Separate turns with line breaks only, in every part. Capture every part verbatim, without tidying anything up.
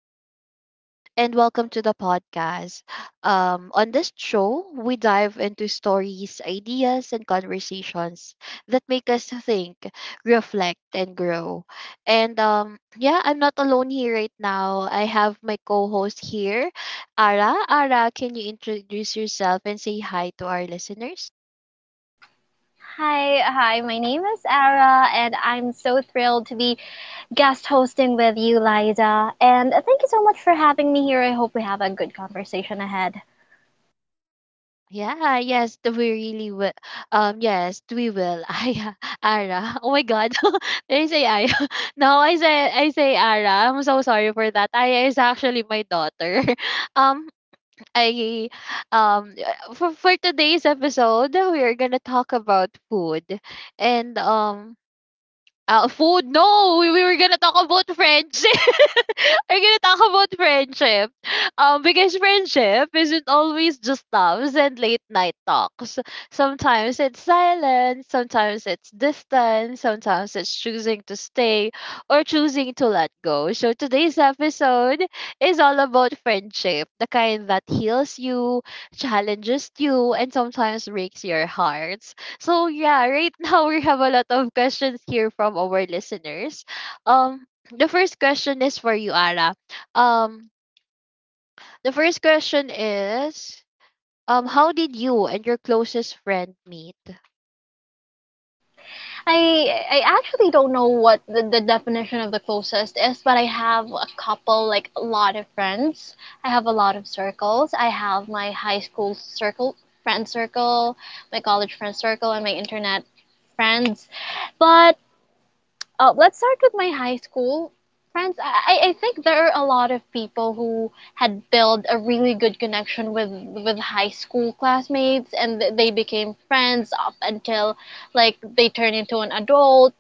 Liza, and welcome to the podcast. Um, on this show, we dive into stories, ideas, and conversations that make us think, reflect, and grow. And um, yeah, I'm not alone here right now. I have my co host here, Ara. Ara, can you introduce yourself and say hi to our listeners?
Hi, hi. My name is Ara, and I'm so thrilled to be guest hosting with you, Liza. And thank you so much for having me here. I hope we have a good conversation ahead.
Yeah, yes, th- we really will. Um, yes, we will. Aya, Ara. Oh my God, did I say Aya? No, I say I say Ara. I'm so sorry for that. Aya is actually my daughter. Um, I um uh, for for today's episode, we are gonna talk about food, and um uh, food? No, we, we were gonna talk about friendship. We're gonna talk about friendship. Um, because friendship isn't always just loves and late night talks. Sometimes it's silence, sometimes it's distance, sometimes it's choosing to stay or choosing to let go. So today's episode is all about friendship, the kind that heals you, challenges you, and sometimes breaks your heart. So yeah, right, now we have a lot of questions here from our listeners. Um, the first question is for you, Ara. Um, the first question is, um, how did you and your closest friend meet?
I I actually don't know what the, the definition of the closest is, but I have a couple, like a lot of friends. I have a lot of circles. I have my high school circle, friend circle, my college friend circle, and my internet friends. But Uh, let's start with my high school friends. I, I think there are a lot of people who had built a really good connection with with high school classmates, and th- they became friends up until like they turn into an adult.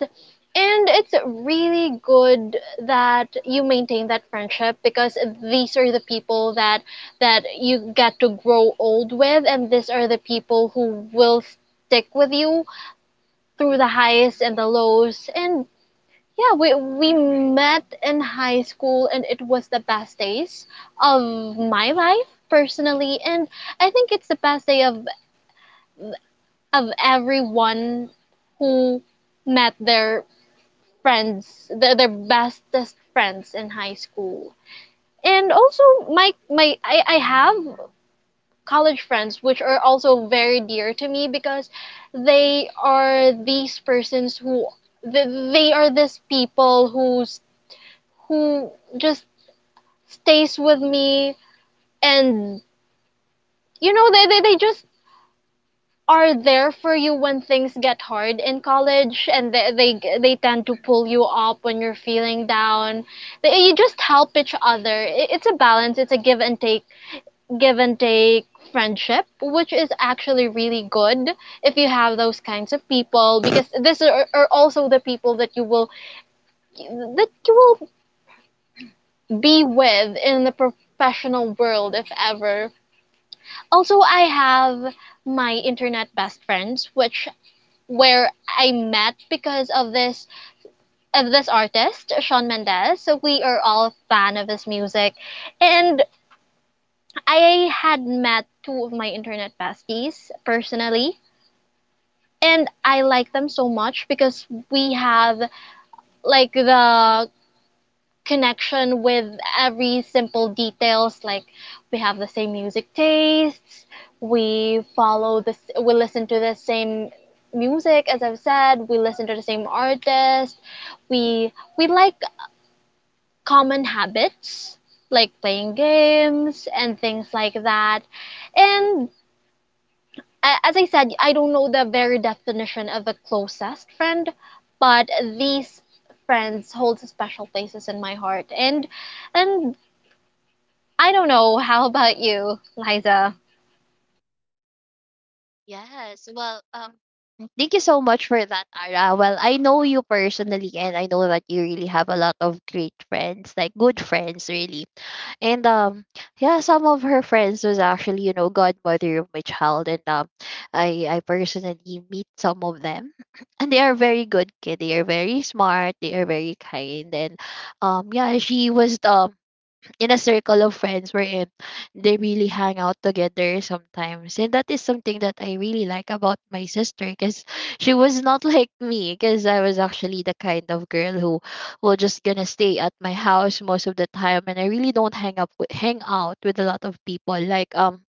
And it's really good that you maintain that friendship because these are the people that that you get to grow old with, and these are the people who will stick with you through the highs and the lows. And yeah, we we met in high school and it was the best days of my life personally, and I think it's the best day of of everyone who met their friends, their, their bestest friends in high school. And also my my I, I have college friends which are also very dear to me because they are these persons who they, they are these people who's who just stays with me. And you know they, they, they just are there for you when things get hard in college, and they, they they tend to pull you up when you're feeling down. They, you just help each other. It- it's a balance, it's a give and take, give and take friendship which is actually really good if you have those kinds of people, because this are, are also the people that you will that you will be with in the professional world if ever. Also, I have my internet best friends, which where I met because of this of this artist, Shawn Mendes. So we are all a fan of his music. And I had met two of my internet besties personally. And I like them so much because we have like the connection with every simple details. Like we have the same music tastes, we follow this, we listen to the same music. As I've said, we listen to the same artist. We we like common habits like playing games and things like that. And uh, as I said, I don't know the very definition of a closest friend, but these friends hold special places in my heart. And and I don't know. How about you, Liza?
Yes. Well, um, thank you so much for that, Ara. Well, I know you personally, and I know that you really have a lot of great friends, like good friends, really. And um yeah, some of her friends was actually you know godmother of my child, and um i i personally meet some of them. And they are very good kid, they are very smart, they are very kind, and um yeah, she was the in a circle of friends wherein they really hang out together sometimes. And that is something that I really like about my sister, because she was not like me, because I was actually the kind of girl who will just gonna stay at my house most of the time, and I really don't hang up with, hang out with a lot of people. Like um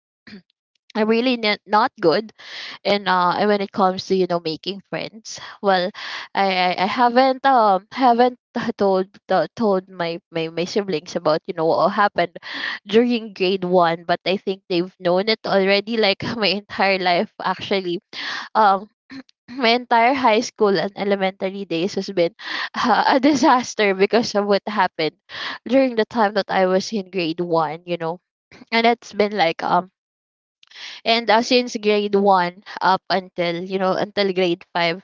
I'm really n- not good, and uh and when it comes to you know making friends. Well, i i, I haven't um haven't told uh, told my, my my siblings about you know what happened during grade one, but I think they've known it already, like, my entire life, actually. um my entire high school and elementary days has been uh, a disaster because of what happened during the time that I was in grade one, you know, and it's been like um and uh, since grade one up until you know until grade five.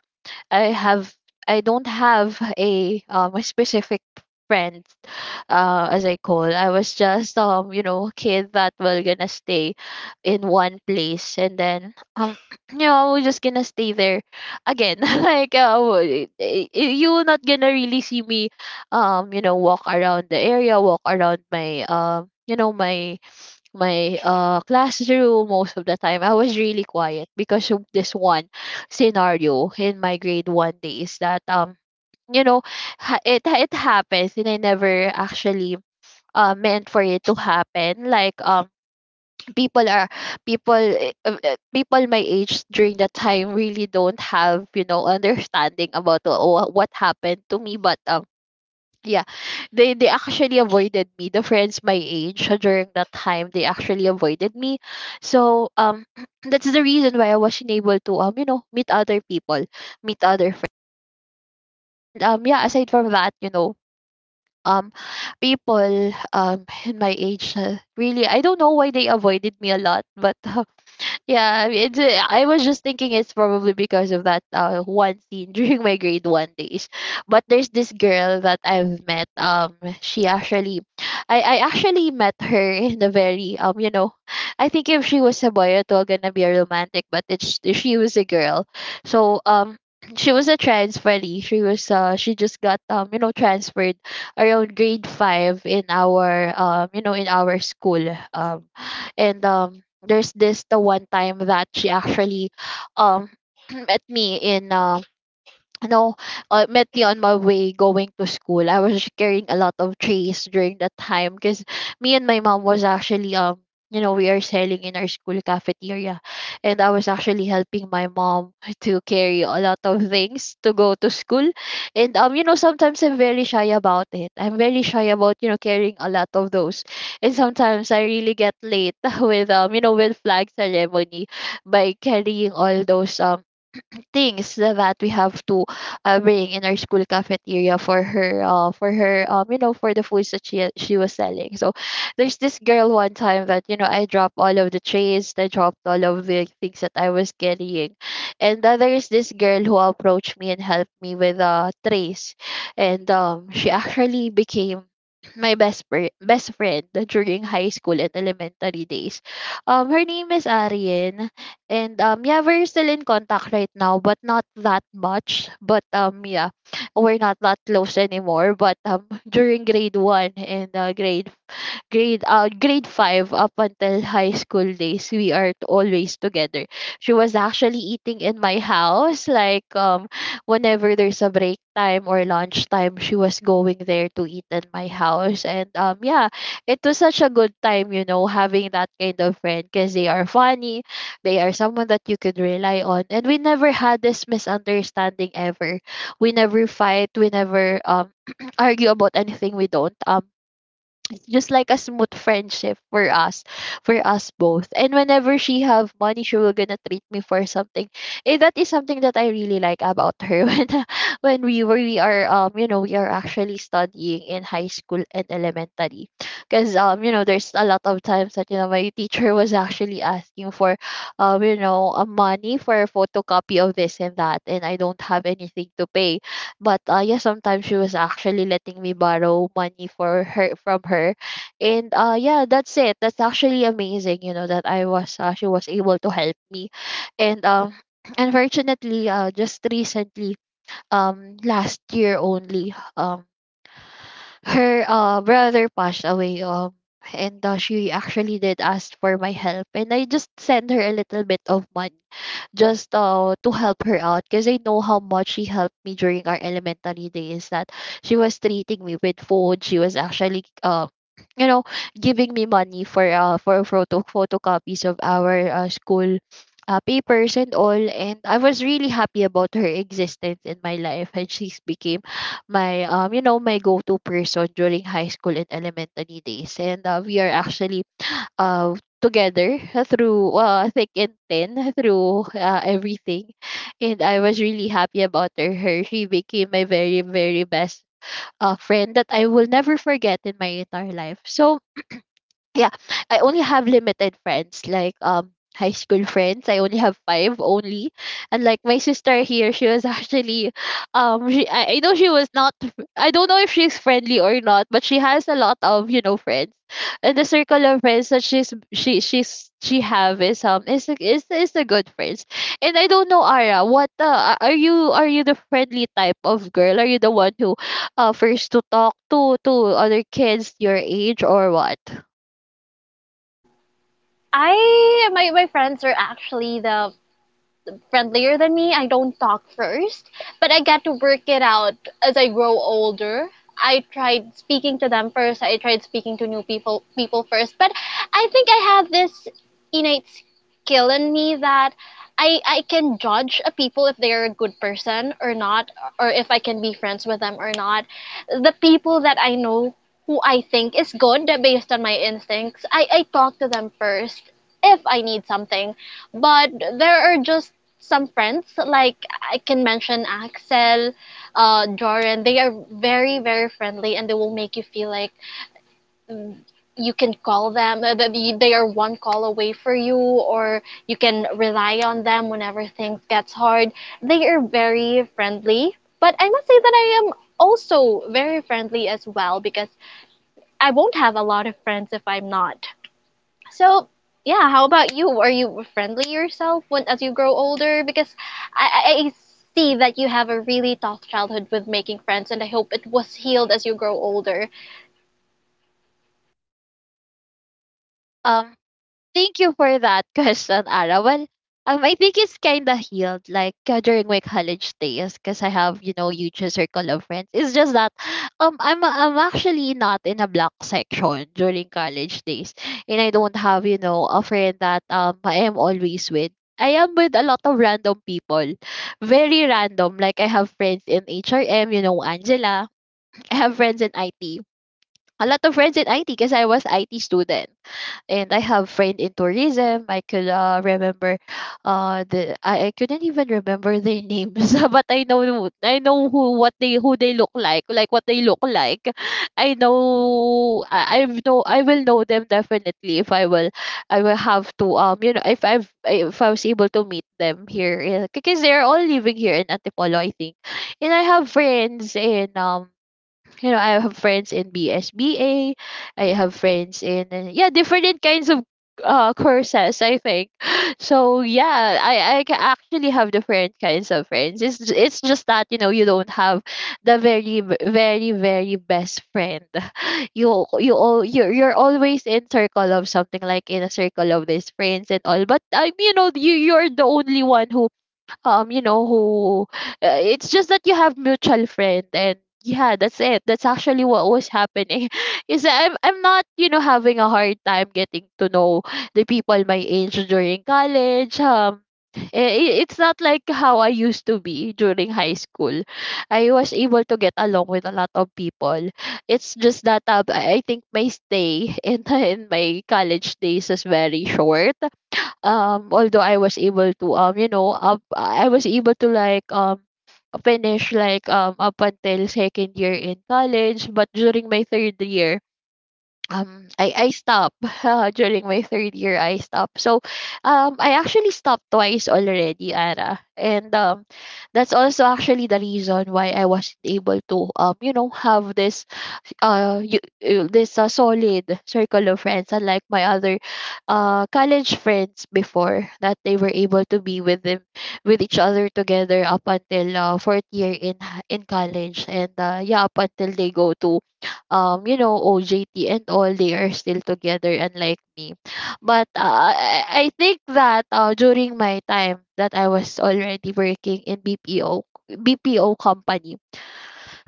I have I don't have a um a specific friend, uh as I call. I was just um you know kid that will gonna stay in one place, and then um you know we're just gonna stay there again. Like, uh, w- y- y- you're not gonna really see me um you know walk around the area, walk around my um you know my my uh, classroom. Most of the time I was really quiet, because of this one scenario in my grade one days, that um you know ha- it it happens, and I never actually uh, meant for it to happen. Like, um people are people, eh, uh, uh, people my age during that time really don't have you know understanding about wha- what happened to me, but um yeah, they they actually avoided me. The friends my age, uh, during that time, they actually avoided me. So um that's the reason why I wasn't able to um you know meet other people, meet other friends. And um yeah, aside from that, you know um people um in my age, uh, really, I don't know why they avoided me a lot, but yeah, it's, uh, I was just thinking it's probably because of that uh, one scene during my grade one days. But there's this girl that I've met. Um, she actually, I, I actually met her in a very um, you know, I think if she was a boy, it was gonna be a romantic. But it's she was a girl, so um. She was a transferee. She was uh she just got um you know transferred around grade five in our um you know in our school. Um and um there's this the one time that she actually um met me in uh no, uh, met me on my way going to school. I was carrying a lot of trays during that time, because me and my mom was actually um you know we are selling in our school cafeteria, and I was actually helping my mom to carry a lot of things to go to school, and um you know sometimes I'm very shy about it. I'm very shy about you know carrying a lot of those, and sometimes I really get late with um you know with flag ceremony by carrying all those um, things that we have to uh, bring in our school cafeteria for her, uh, for her um you know for the foods that she she was selling. So there's this girl one time that, you know I dropped all of the trays, I dropped all of the things that I was carrying, and uh, there is this girl who approached me and helped me with uh trays. And um she actually became my best fri- best friend during high school and elementary days. Um, her name is Arian. And um yeah, we're still in contact right now, but not that much. But um yeah, we're not that close anymore. But um during grade one and uh, grade grade uh grade five up until high school days, we are t- always together. She was actually eating in my house, like, um whenever there's a break time or lunch time, she was going there to eat in my house. And um yeah, it was such a good time, you know having that kind of friend, because they are funny, they are someone that you could rely on, and we never had this misunderstanding ever. We never fight, we never um argue about anything, we don't um it's just like a smooth friendship for us, for us both. And whenever she have money, she will gonna treat me for something. Eh, that is something that I really like about her. When when we were we are um you know we are actually studying in high school and elementary, because um you know there's a lot of times that, you know my teacher was actually asking for um you know uh, money for a photocopy of this and that, and I don't have anything to pay. But uh, yeah, sometimes she was actually letting me borrow money for her from her. And uh, yeah, that's it. That's actually amazing, you know, that I was uh, she was able to help me. And um, unfortunately, uh, just recently, um, last year only, um, her uh brother passed away, um, and uh, she actually did ask for my help, and I just sent her a little bit of money just uh, to help her out, because I know how much she helped me during our elementary days, that she was treating me with food. She was actually, uh, you know giving me money for uh for photo photocopies of our uh, school uh, papers and all. And I was really happy about her existence in my life, and she's became my um you know my go-to person during high school and elementary days. And uh, we are actually uh, together through uh, thick and thin, through uh, everything. And I was really happy about her. her. She became my very, very best uh, friend that I will never forget in my entire life. So yeah, I only have limited friends, like um high school friends, I only have five only. And like my sister here, she was actually um she, I, I know she was not fr- I don't know if she's friendly or not, but she has a lot of, you know friends. And the circle of friends that she's she she's she have is um is is is the good friends. And I don't know, Ara, what uh, are you, are you the friendly type of girl? Are you the one who uh first to talk to to other kids your age, or what?
I my my friends are actually the friendlier than me. I don't talk first, but I got to work it out as I grow older. I tried speaking to them first. I tried speaking to new people people first, but I think I have this innate skill in me that I I can judge a people if they're a good person or not, or if I can be friends with them or not. The people that I know who I think is good based on my instincts, I, I talk to them first if I need something. But there are just some friends like I can mention Axel, uh, Joran. They are very very friendly, and they will make you feel like mm, you can call them. uh, that you- They are one call away for you, or you can rely on them whenever things gets hard. They are very friendly, but I must say that I am also very friendly as well, because I won't have a lot of friends if I'm not. So, yeah, how about you? Are you friendly yourself when as you grow older? Because I, I I see that you have a really tough childhood with making friends, and I hope it was healed as you grow older.
Um, thank you for that question, Ara. Well, um, I think it's kind of healed, like, uh, during my college days, because I have, you know, huge circle of friends. It's just that, um, I'm I'm actually not in a block section during college days, and I don't have, you know, a friend that um I am always with. I am with a lot of random people, very random. Like I have friends in H R M, you know, Angela. I have friends in I T. A lot of friends in I T because I was I T student, and I have friend in tourism. I could uh, remember uh the I, I couldn't even remember their names, but I know I know who what they who they look like, like what they look like. I know I, I've know I will know them definitely if I will I will have to um you know, if I've if I was able to meet them here, yeah, because they're all living here in Antipolo, I think. And I have friends in um you know I have friends in BSBA. I have friends in uh, yeah, different kinds of uh courses, I think. So yeah, i i ca- actually have different kinds of friends. It's j- it's just that, you know, you don't have the very v- very very best friend. you you all you're, you're always in circle of something, like in a circle of these friends and all, but I you know, you you're the only one who um you know who uh, it's just that you have mutual friend. And yeah, that's it. That's actually what was happening. Is that i'm i'm not, you know, having a hard time getting to know the people my age during college. Um i- i- it's not like how I used to be during high school. I was able to get along with a lot of people. It's just that uh, I I think my stay in, in my college days is very short. Um although I was able to um you know up I was able to like um finish like um up until second year in college. But during my third year, um I I stopped. During my third year, I stopped. So um I actually stopped twice already, Ara. And um that's also actually the reason why I wasn't able to um you know, have this uh you, you this a solid circle of friends, unlike my other uh college friends before, that they were able to be with them, with each other, together up until uh, fourth year in h- in college. And uh, yeah, up until they go to um you know, O J T and all, they are still together, unlike me. But uh, I I think that uh, during my time that I was already working in B P O B P O company,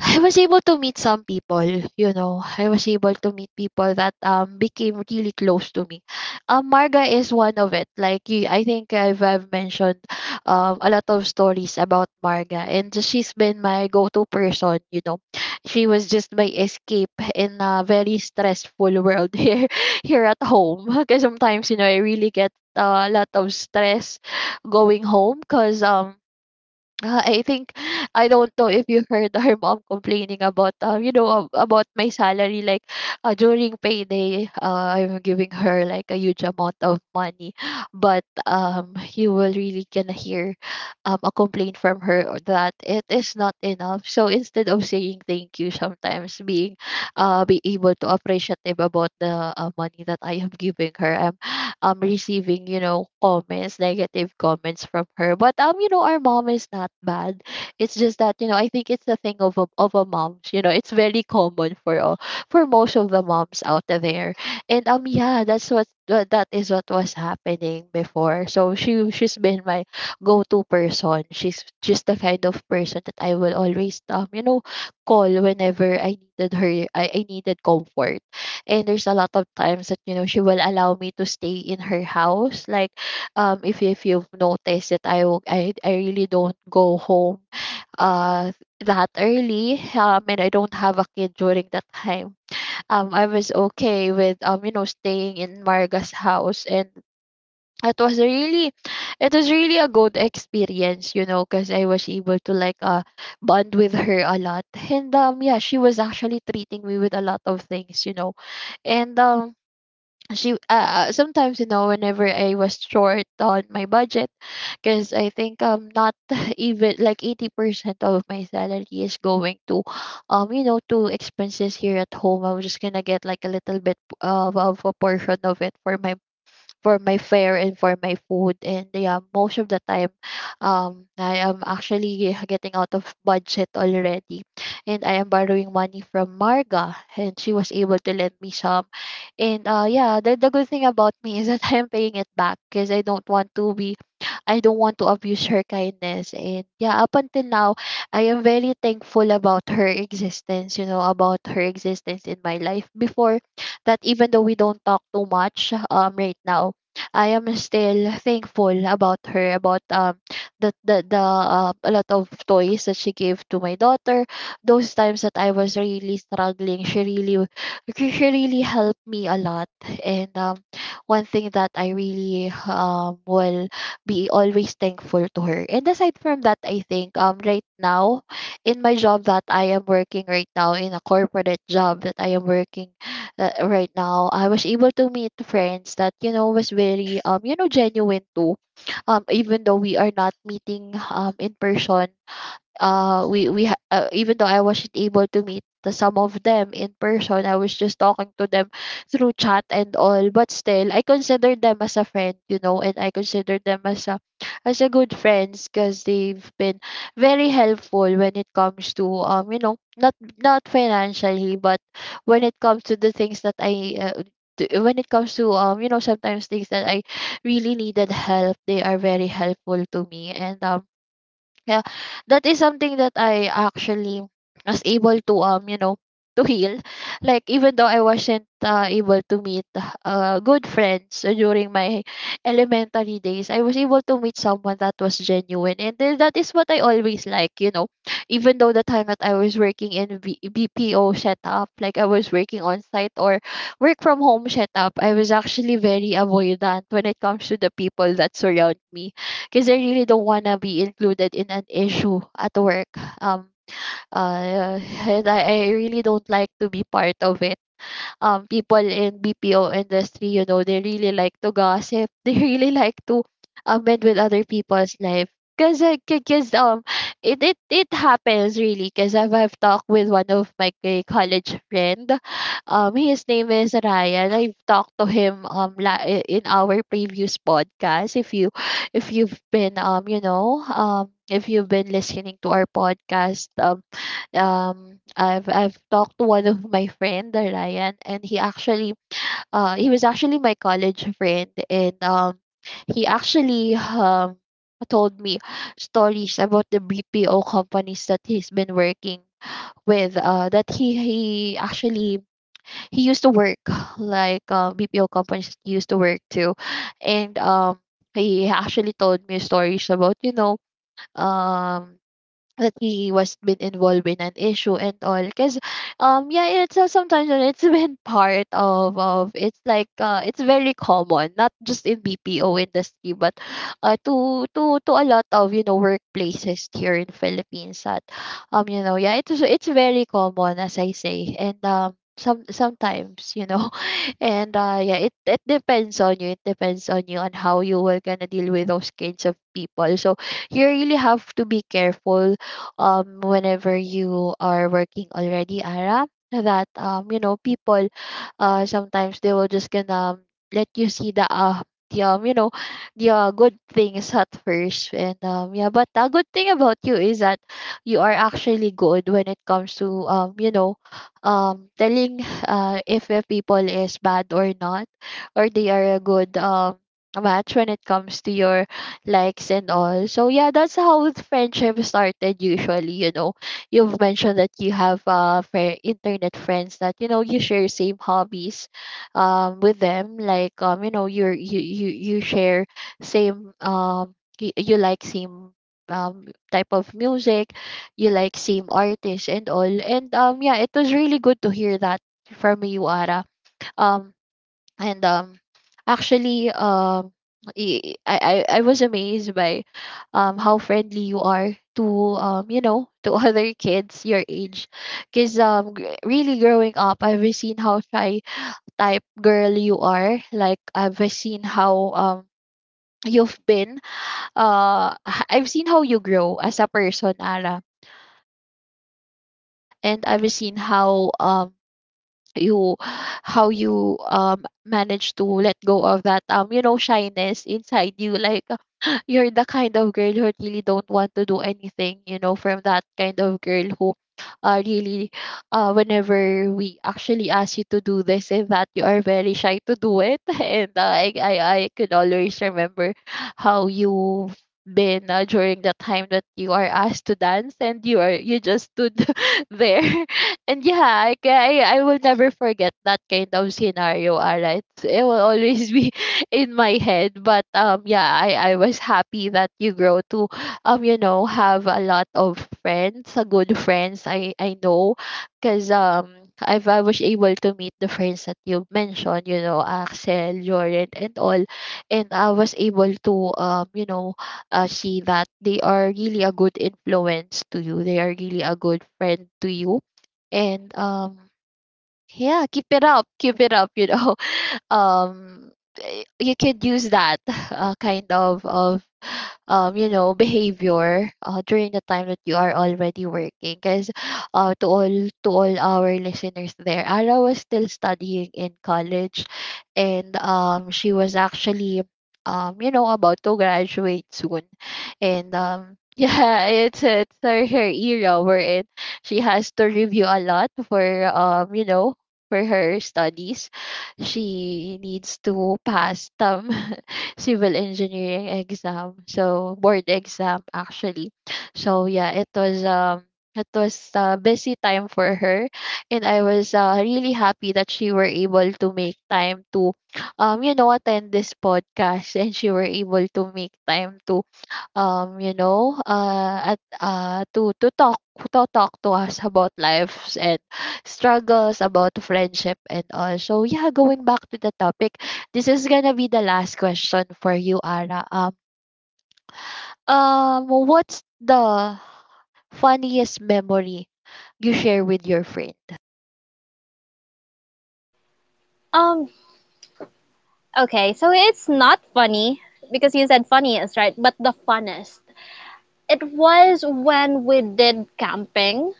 I was able to meet some people, you know. I was able to meet people that um became really close to me. Um, Marga is one of it. Like you, I think I've, I've mentioned um a lot of stories about Marga, and she's been my go-to person. You know, she was just my escape in a very stressful world here here at home. Because sometimes, you know, I really get uh, a lot of stress going home, because um uh, I think I don't know if you heard her mom complaining about um you know, ab- about my salary. Like uh, during payday, uh, I'm giving her like a huge amount of money, but um you will really gonna hear um a complaint from her, or that it is not enough. So instead of saying thank you, sometimes being uh be able to appreciative about the uh, money that I am giving her, I'm um receiving, you know, comments, negative comments from her. But um you know, our mom is not bad. It's just that, you know, I think it's the thing of a, of a mom. You know, it's very common for all, for most of the moms out there. And um yeah, that's what tha- that is what was happening before. So she she's been my go-to person. She's just the kind of person that I will always um you know, call whenever I needed her. i, I needed comfort. And there's a lot of times that, you know, she will allow me to stay in her house. Like, um, if if you've noticed that I w- I I really don't go home uh that early. Um, and I don't have a kid during that time. Um, I was okay with um you know, staying in Marga's house, and it was a really, it was really a good experience. You know, because I was able to like uh bond with her a lot. And um yeah, she was actually treating me with a lot of things. You know, and um she uh sometimes, you know, whenever I was short on my budget, because I think um not even like eighty percent of my salary is going to um you know, to expenses here at home. I was just gonna get like a little bit uh, of a portion of it for my, for my fare and for my food. And yeah, most of the time, um, I am actually getting out of budget already. And I am borrowing money from Marga, and she was able to lend me some. And uh, yeah, the, the good thing about me is that I am paying it back, because I don't want to be, I don't want to abuse her kindness. And yeah, up until now, I am very thankful about her existence, you know, about her existence in my life before that. Even though we don't talk too much um right now, I am still thankful about her, about um the the, the uh, a lot of toys that she gave to my daughter. Those times that I was really struggling, she really, she she really helped me a lot. And um one thing that I really um will be always thankful to her. And aside from that, I think um right now in my job that I am working right now, in a corporate job that I am working uh, right now, I was able to meet friends that, you know, was very um you know, genuine too. Um, even though we are not meeting um in person, uh we we ha- uh, even though I wasn't able to meet the some of them in person, I was just talking to them through chat and all. But still, I consider them as a friend, you know, and I consider them as a, as a good friends, because they've been very helpful when it comes to um you know, not, not financially, but when it comes to the things that I. Uh, to- when it comes to um you know, sometimes things that I really needed help, they are very helpful to me. And um yeah, that is something that I actually was able to um you know, to heal. Like even though I wasn't uh, able to meet uh good friends during my elementary days, I was able to meet someone that was genuine. And then that is what I always like. You know, even though the time that I was working in B- BPO setup, like I was working on site or work from home setup, I was actually very avoidant when it comes to the people that surround me, because I really don't want to be included in an issue at work. Um, uh, and I, I really don't like to be part of it. Um people in B P O industry, you know, they really like to gossip. They really like to um meddle with other people's life. Cause, I- c- cause um it it it happens really. Cause I've I've talked with one of my co- college friend. Um, his name is Ryan. I've talked to him um la- i- in our previous podcast. If you if you've been um you know um if you've been listening to our podcast. Um um I've I've talked to one of my friend, uh, Ryan, and he actually uh he was actually my college friend. And um he actually um told me stories about the B P O companies that he's been working with, uh that he he actually he used to work like uh, B P O companies that he used to work to. And um he actually told me stories, about you know um that he was been involved in an issue and all. Because um yeah, it's uh, sometimes uh, it's been part of of it's like, uh it's very common, not just in B P O industry, but uh to to to a lot of, you know, workplaces here in Philippines. That um you know, yeah, it's it's very common, as I say. And um some sometimes, you know, and uh yeah, it it depends on you, it depends on you on how you will gonna deal with those kinds of people. So you really have to be careful um whenever you are working already, Ara. That um you know, people, uh sometimes they will just gonna um, let you see the uh the um you know, the uh, good things at first. And um yeah, but the good thing about you is that you are actually good when it comes to, um you know, um telling uh if a people is bad or not, or they are a good um match when it comes to your likes and all. So yeah, that's how the friendship started usually, you know. You've mentioned that you have uh fri internet friends that, you know, you share same hobbies um with them. Like, um, you know, you're you you, you share same, um you, you like same um type of music, you like same artists and all. And um yeah, it was really good to hear that from you, Ara. Um and um Actually, um i i i I was amazed by um how friendly you are to, um you know, to other kids your age. Because um gr- really, growing up, I've seen how shy type girl you are. Like, I've seen how um you've been uh h- I've seen how you grow as a person, Ara. And I've seen how um you how you um manage to let go of that, um you know, shyness inside you. Like you're the kind of girl who really don't want to do anything, you know, from that kind of girl who uh, really uh whenever we actually ask you to do this and that, you are very shy to do it. And uh, I, I i could always remember how you've been, uh, during the time that you are asked to dance and you are you just stood there. And yeah, I, ca- I I will never forget that kind of scenario. Alright, it will always be in my head. But um, yeah, I I was happy that you grow to, um, you know, have a lot of friends, a good friends. I I know, cause um. I've, I was able to meet the friends that you mentioned, you know, Axel, Jordan, and all. And I was able to, um, you know, uh, see that they are really a good influence to you. They are really a good friend to you. And um yeah, keep it up, keep it up, you know. um eh, you could use that uh, kind of of um you know, behavior, uh, during the time that you are already working. Because, uh, to all, to all our listeners there, Ara was still studying in college. And um she was actually, um you know, about to graduate soon. And um yeah, it's it's her, her era, wherein she has to review a lot for, um you know, for her studies. She needs to pass some civil engineering exam. So board exam actually. So yeah, it was um it was a busy time for her. And I was, uh, really happy that she were able to make time to, um you know, attend this podcast. And she were able to make time to, um, you know, uh, at uh, to to talk, to talk to us about lives and struggles about friendship and all. So yeah, going back to the topic, this is gonna be the last question for you, Ara. Um, um, what's the funniest memory you share with your friend?
Um, okay, so it's not funny because you said funniest, right? But the funnest, it was when we did camping.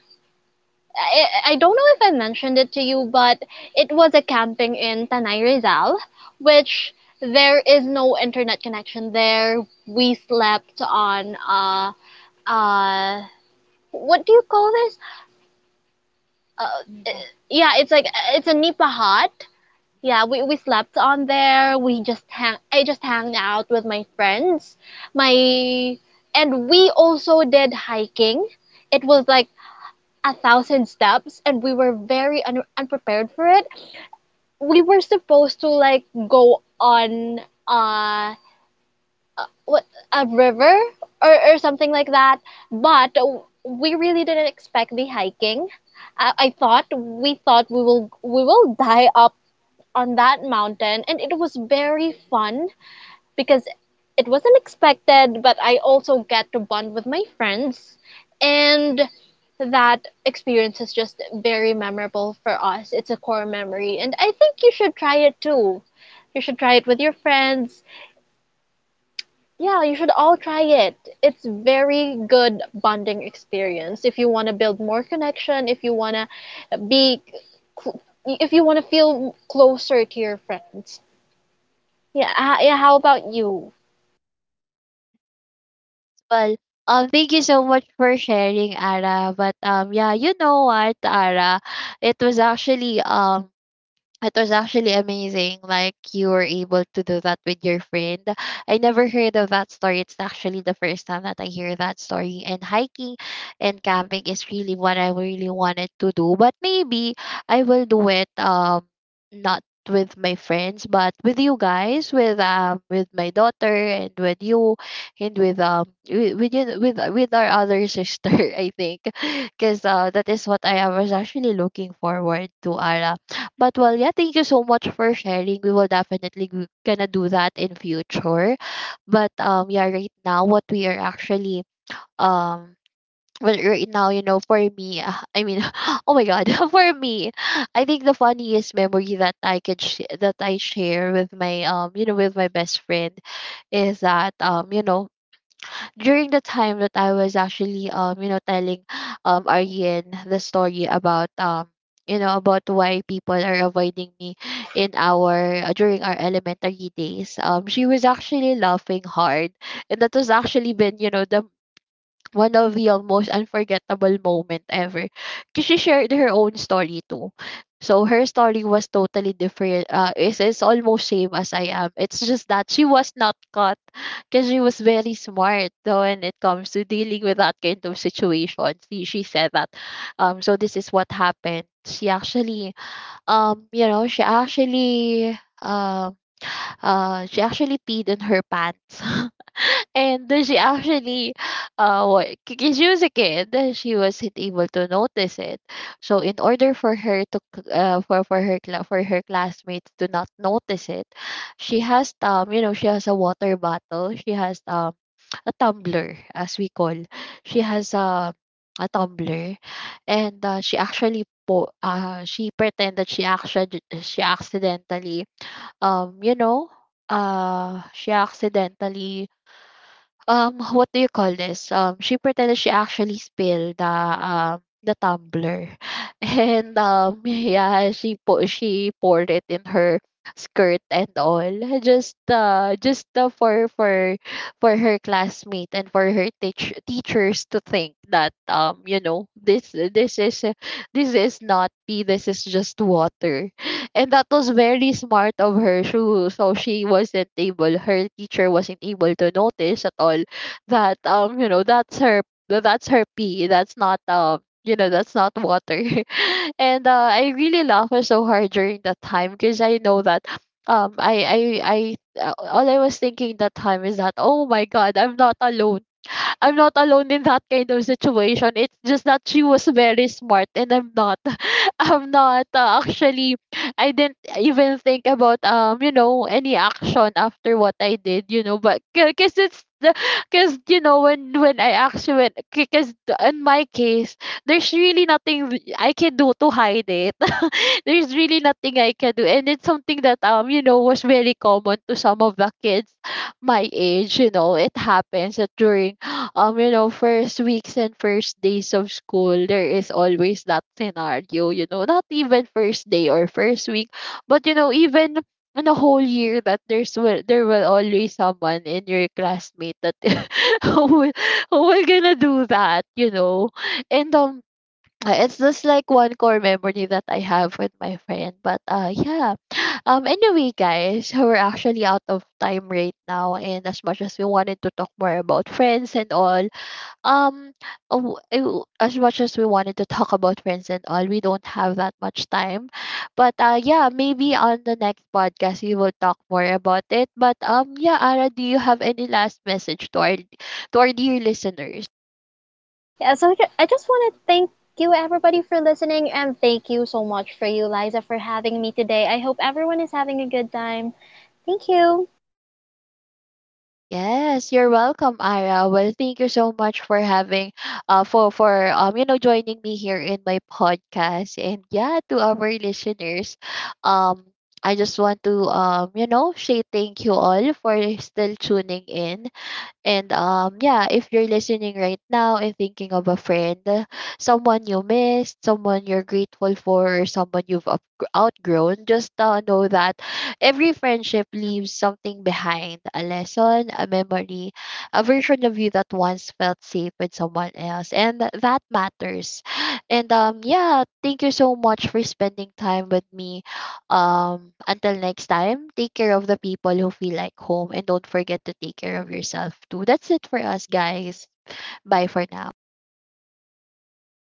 I, I don't know if I mentioned it to you, but it was a camping in Tanay Rizal, which there is no internet connection there. We slept on uh uh what do you call this? Uh, yeah, it's like it's a nipa hut. Yeah, we, we slept on there. We just hang I just hung out with my friends. My and we also did hiking. It was like a thousand steps and we were very un- unprepared for it. We were supposed to like go on uh what a river or or something like that, but we really didn't expect the hiking. I, I thought we thought we will we will die up on that mountain. And it was very fun because it wasn't expected, but I also get to bond with my friends. And that experience is just very memorable for us. It's a core memory. And I think you should try it too. You should try it with your friends. Yeah, you should all try it. It's very good bonding experience. If you want to build more connection, if you want to be if you want to feel closer to your friends. Yeah, yeah, how about you?
Well, um, thank you so much for sharing, Ara. But um, yeah, you know what, Ara, it was actually um it was actually amazing. Like you were able to do that with your friend. I never heard of that story. It's actually the first time that I hear that story. And hiking and camping is really what I really wanted to do. But maybe I will do it, um not with my friends, but with you guys, with, um with my daughter, and with you, and with um with with you- with, with our other sister, I think. Because uh, that is what I was actually looking forward to, Ara. But well, yeah, thank you so much for sharing. We will definitely g- gonna do that in future. But um, yeah, right now what we are actually, um, well, right now, you know, for me, uh, I mean, oh my god, for me, I think the funniest memory that I could sh- that I share with my, um, you know, with my best friend, is that, um, you know, during the time that I was actually, um you know, telling um Aryan the story about, um you know, about why people are avoiding me in our, uh, during our elementary days, um she was actually laughing hard. And that was actually been, you know, the one of the, um, most unforgettable moment ever. Cause she shared her own story too. So her story was totally different. Uh, it's, it's almost same as I am. It's just that she was not caught because she was very smart, though, when it comes to dealing with that kind of situation. She, she said that. Um, so this is what happened. She actually, um, you know, she actually, um, uh, she actually peed in her pants. And then she actually, uh, what? Because she was a kid, uh, she wasn't able to notice it. So in order for her to, c- uh, for for her cla- for her classmates to not notice it, she has, um, you know, she has a water bottle. She has um a tumbler, as we call. She has um a tumbler, and uh, she actually po uh she pretended she actually she accidentally, um you know uh she accidentally um what do you call this, um she pretended she actually spilled the um the tumbler. And um yeah, she po- she poured it in her skirt and all. just uh just uh, for for for her classmate and for her teach- teachers to think that, um you know, this this is uh, this is not pee, this is just water. And that was very smart of her. So, so she wasn't able, her teacher wasn't able to notice at all that, um, you know, that's her, that's her pee. That's not, um, you know, that's not water. And uh, I really laughed so hard during that time, because I know that, um I I I uh, all I was thinking that time is that, oh my god, I'm not alone. I'm not alone in that kind of situation. It's just that she was very smart and I'm not. I'm not, uh, actually, I didn't even think about, um you know, any action after what I did, you know. But cuz it's the cuz you know when when I actually cuz in my case, there's really nothing th- I can do to hide it. There's really nothing I can do. And it's something that, um you know, was very common to some of the kids my age, you know. It happens that during, um, you know, first weeks and first days of school, there is always that scenario, you know. Not even first day or first week, but you know, even in a whole year, that there's will there will always someone in your classmate that who will, who will gonna do that, you know. And um uh, it's just like one core memory that I have with my friend. But uh yeah. Um anyway guys, we're actually out of time right now. And as much as we wanted to talk more about friends and all, um w- w- as much as we wanted to talk about friends and all we don't have that much time. But uh yeah, maybe on the next podcast we will talk more about it. But um yeah, Ara, do you have any last message to our, to our dear listeners?
Yeah, so ju- I just want to thank you, everybody, for listening, and thank you so much for you, Liza, for having me today. I hope everyone is having a good time. Thank you.
Yes, you're welcome, Ira. Well, thank you so much for having, uh, for for um, you know, joining me here in my podcast. And yeah, to our listeners, um, I just want to, um, you know, say thank you all for still tuning in. And um, yeah, if you're listening right now and thinking of a friend, uh, someone you missed, someone you're grateful for, or someone you've up- outgrown, just uh, know that every friendship leaves something behind, a lesson, a memory, a version of you that once felt safe with someone else. And th- that matters. And um, yeah, thank you so much for spending time with me. Um, until next time, take care of the people who feel like home, and don't forget to take care of yourself too. That's it for us, guys. Bye for now.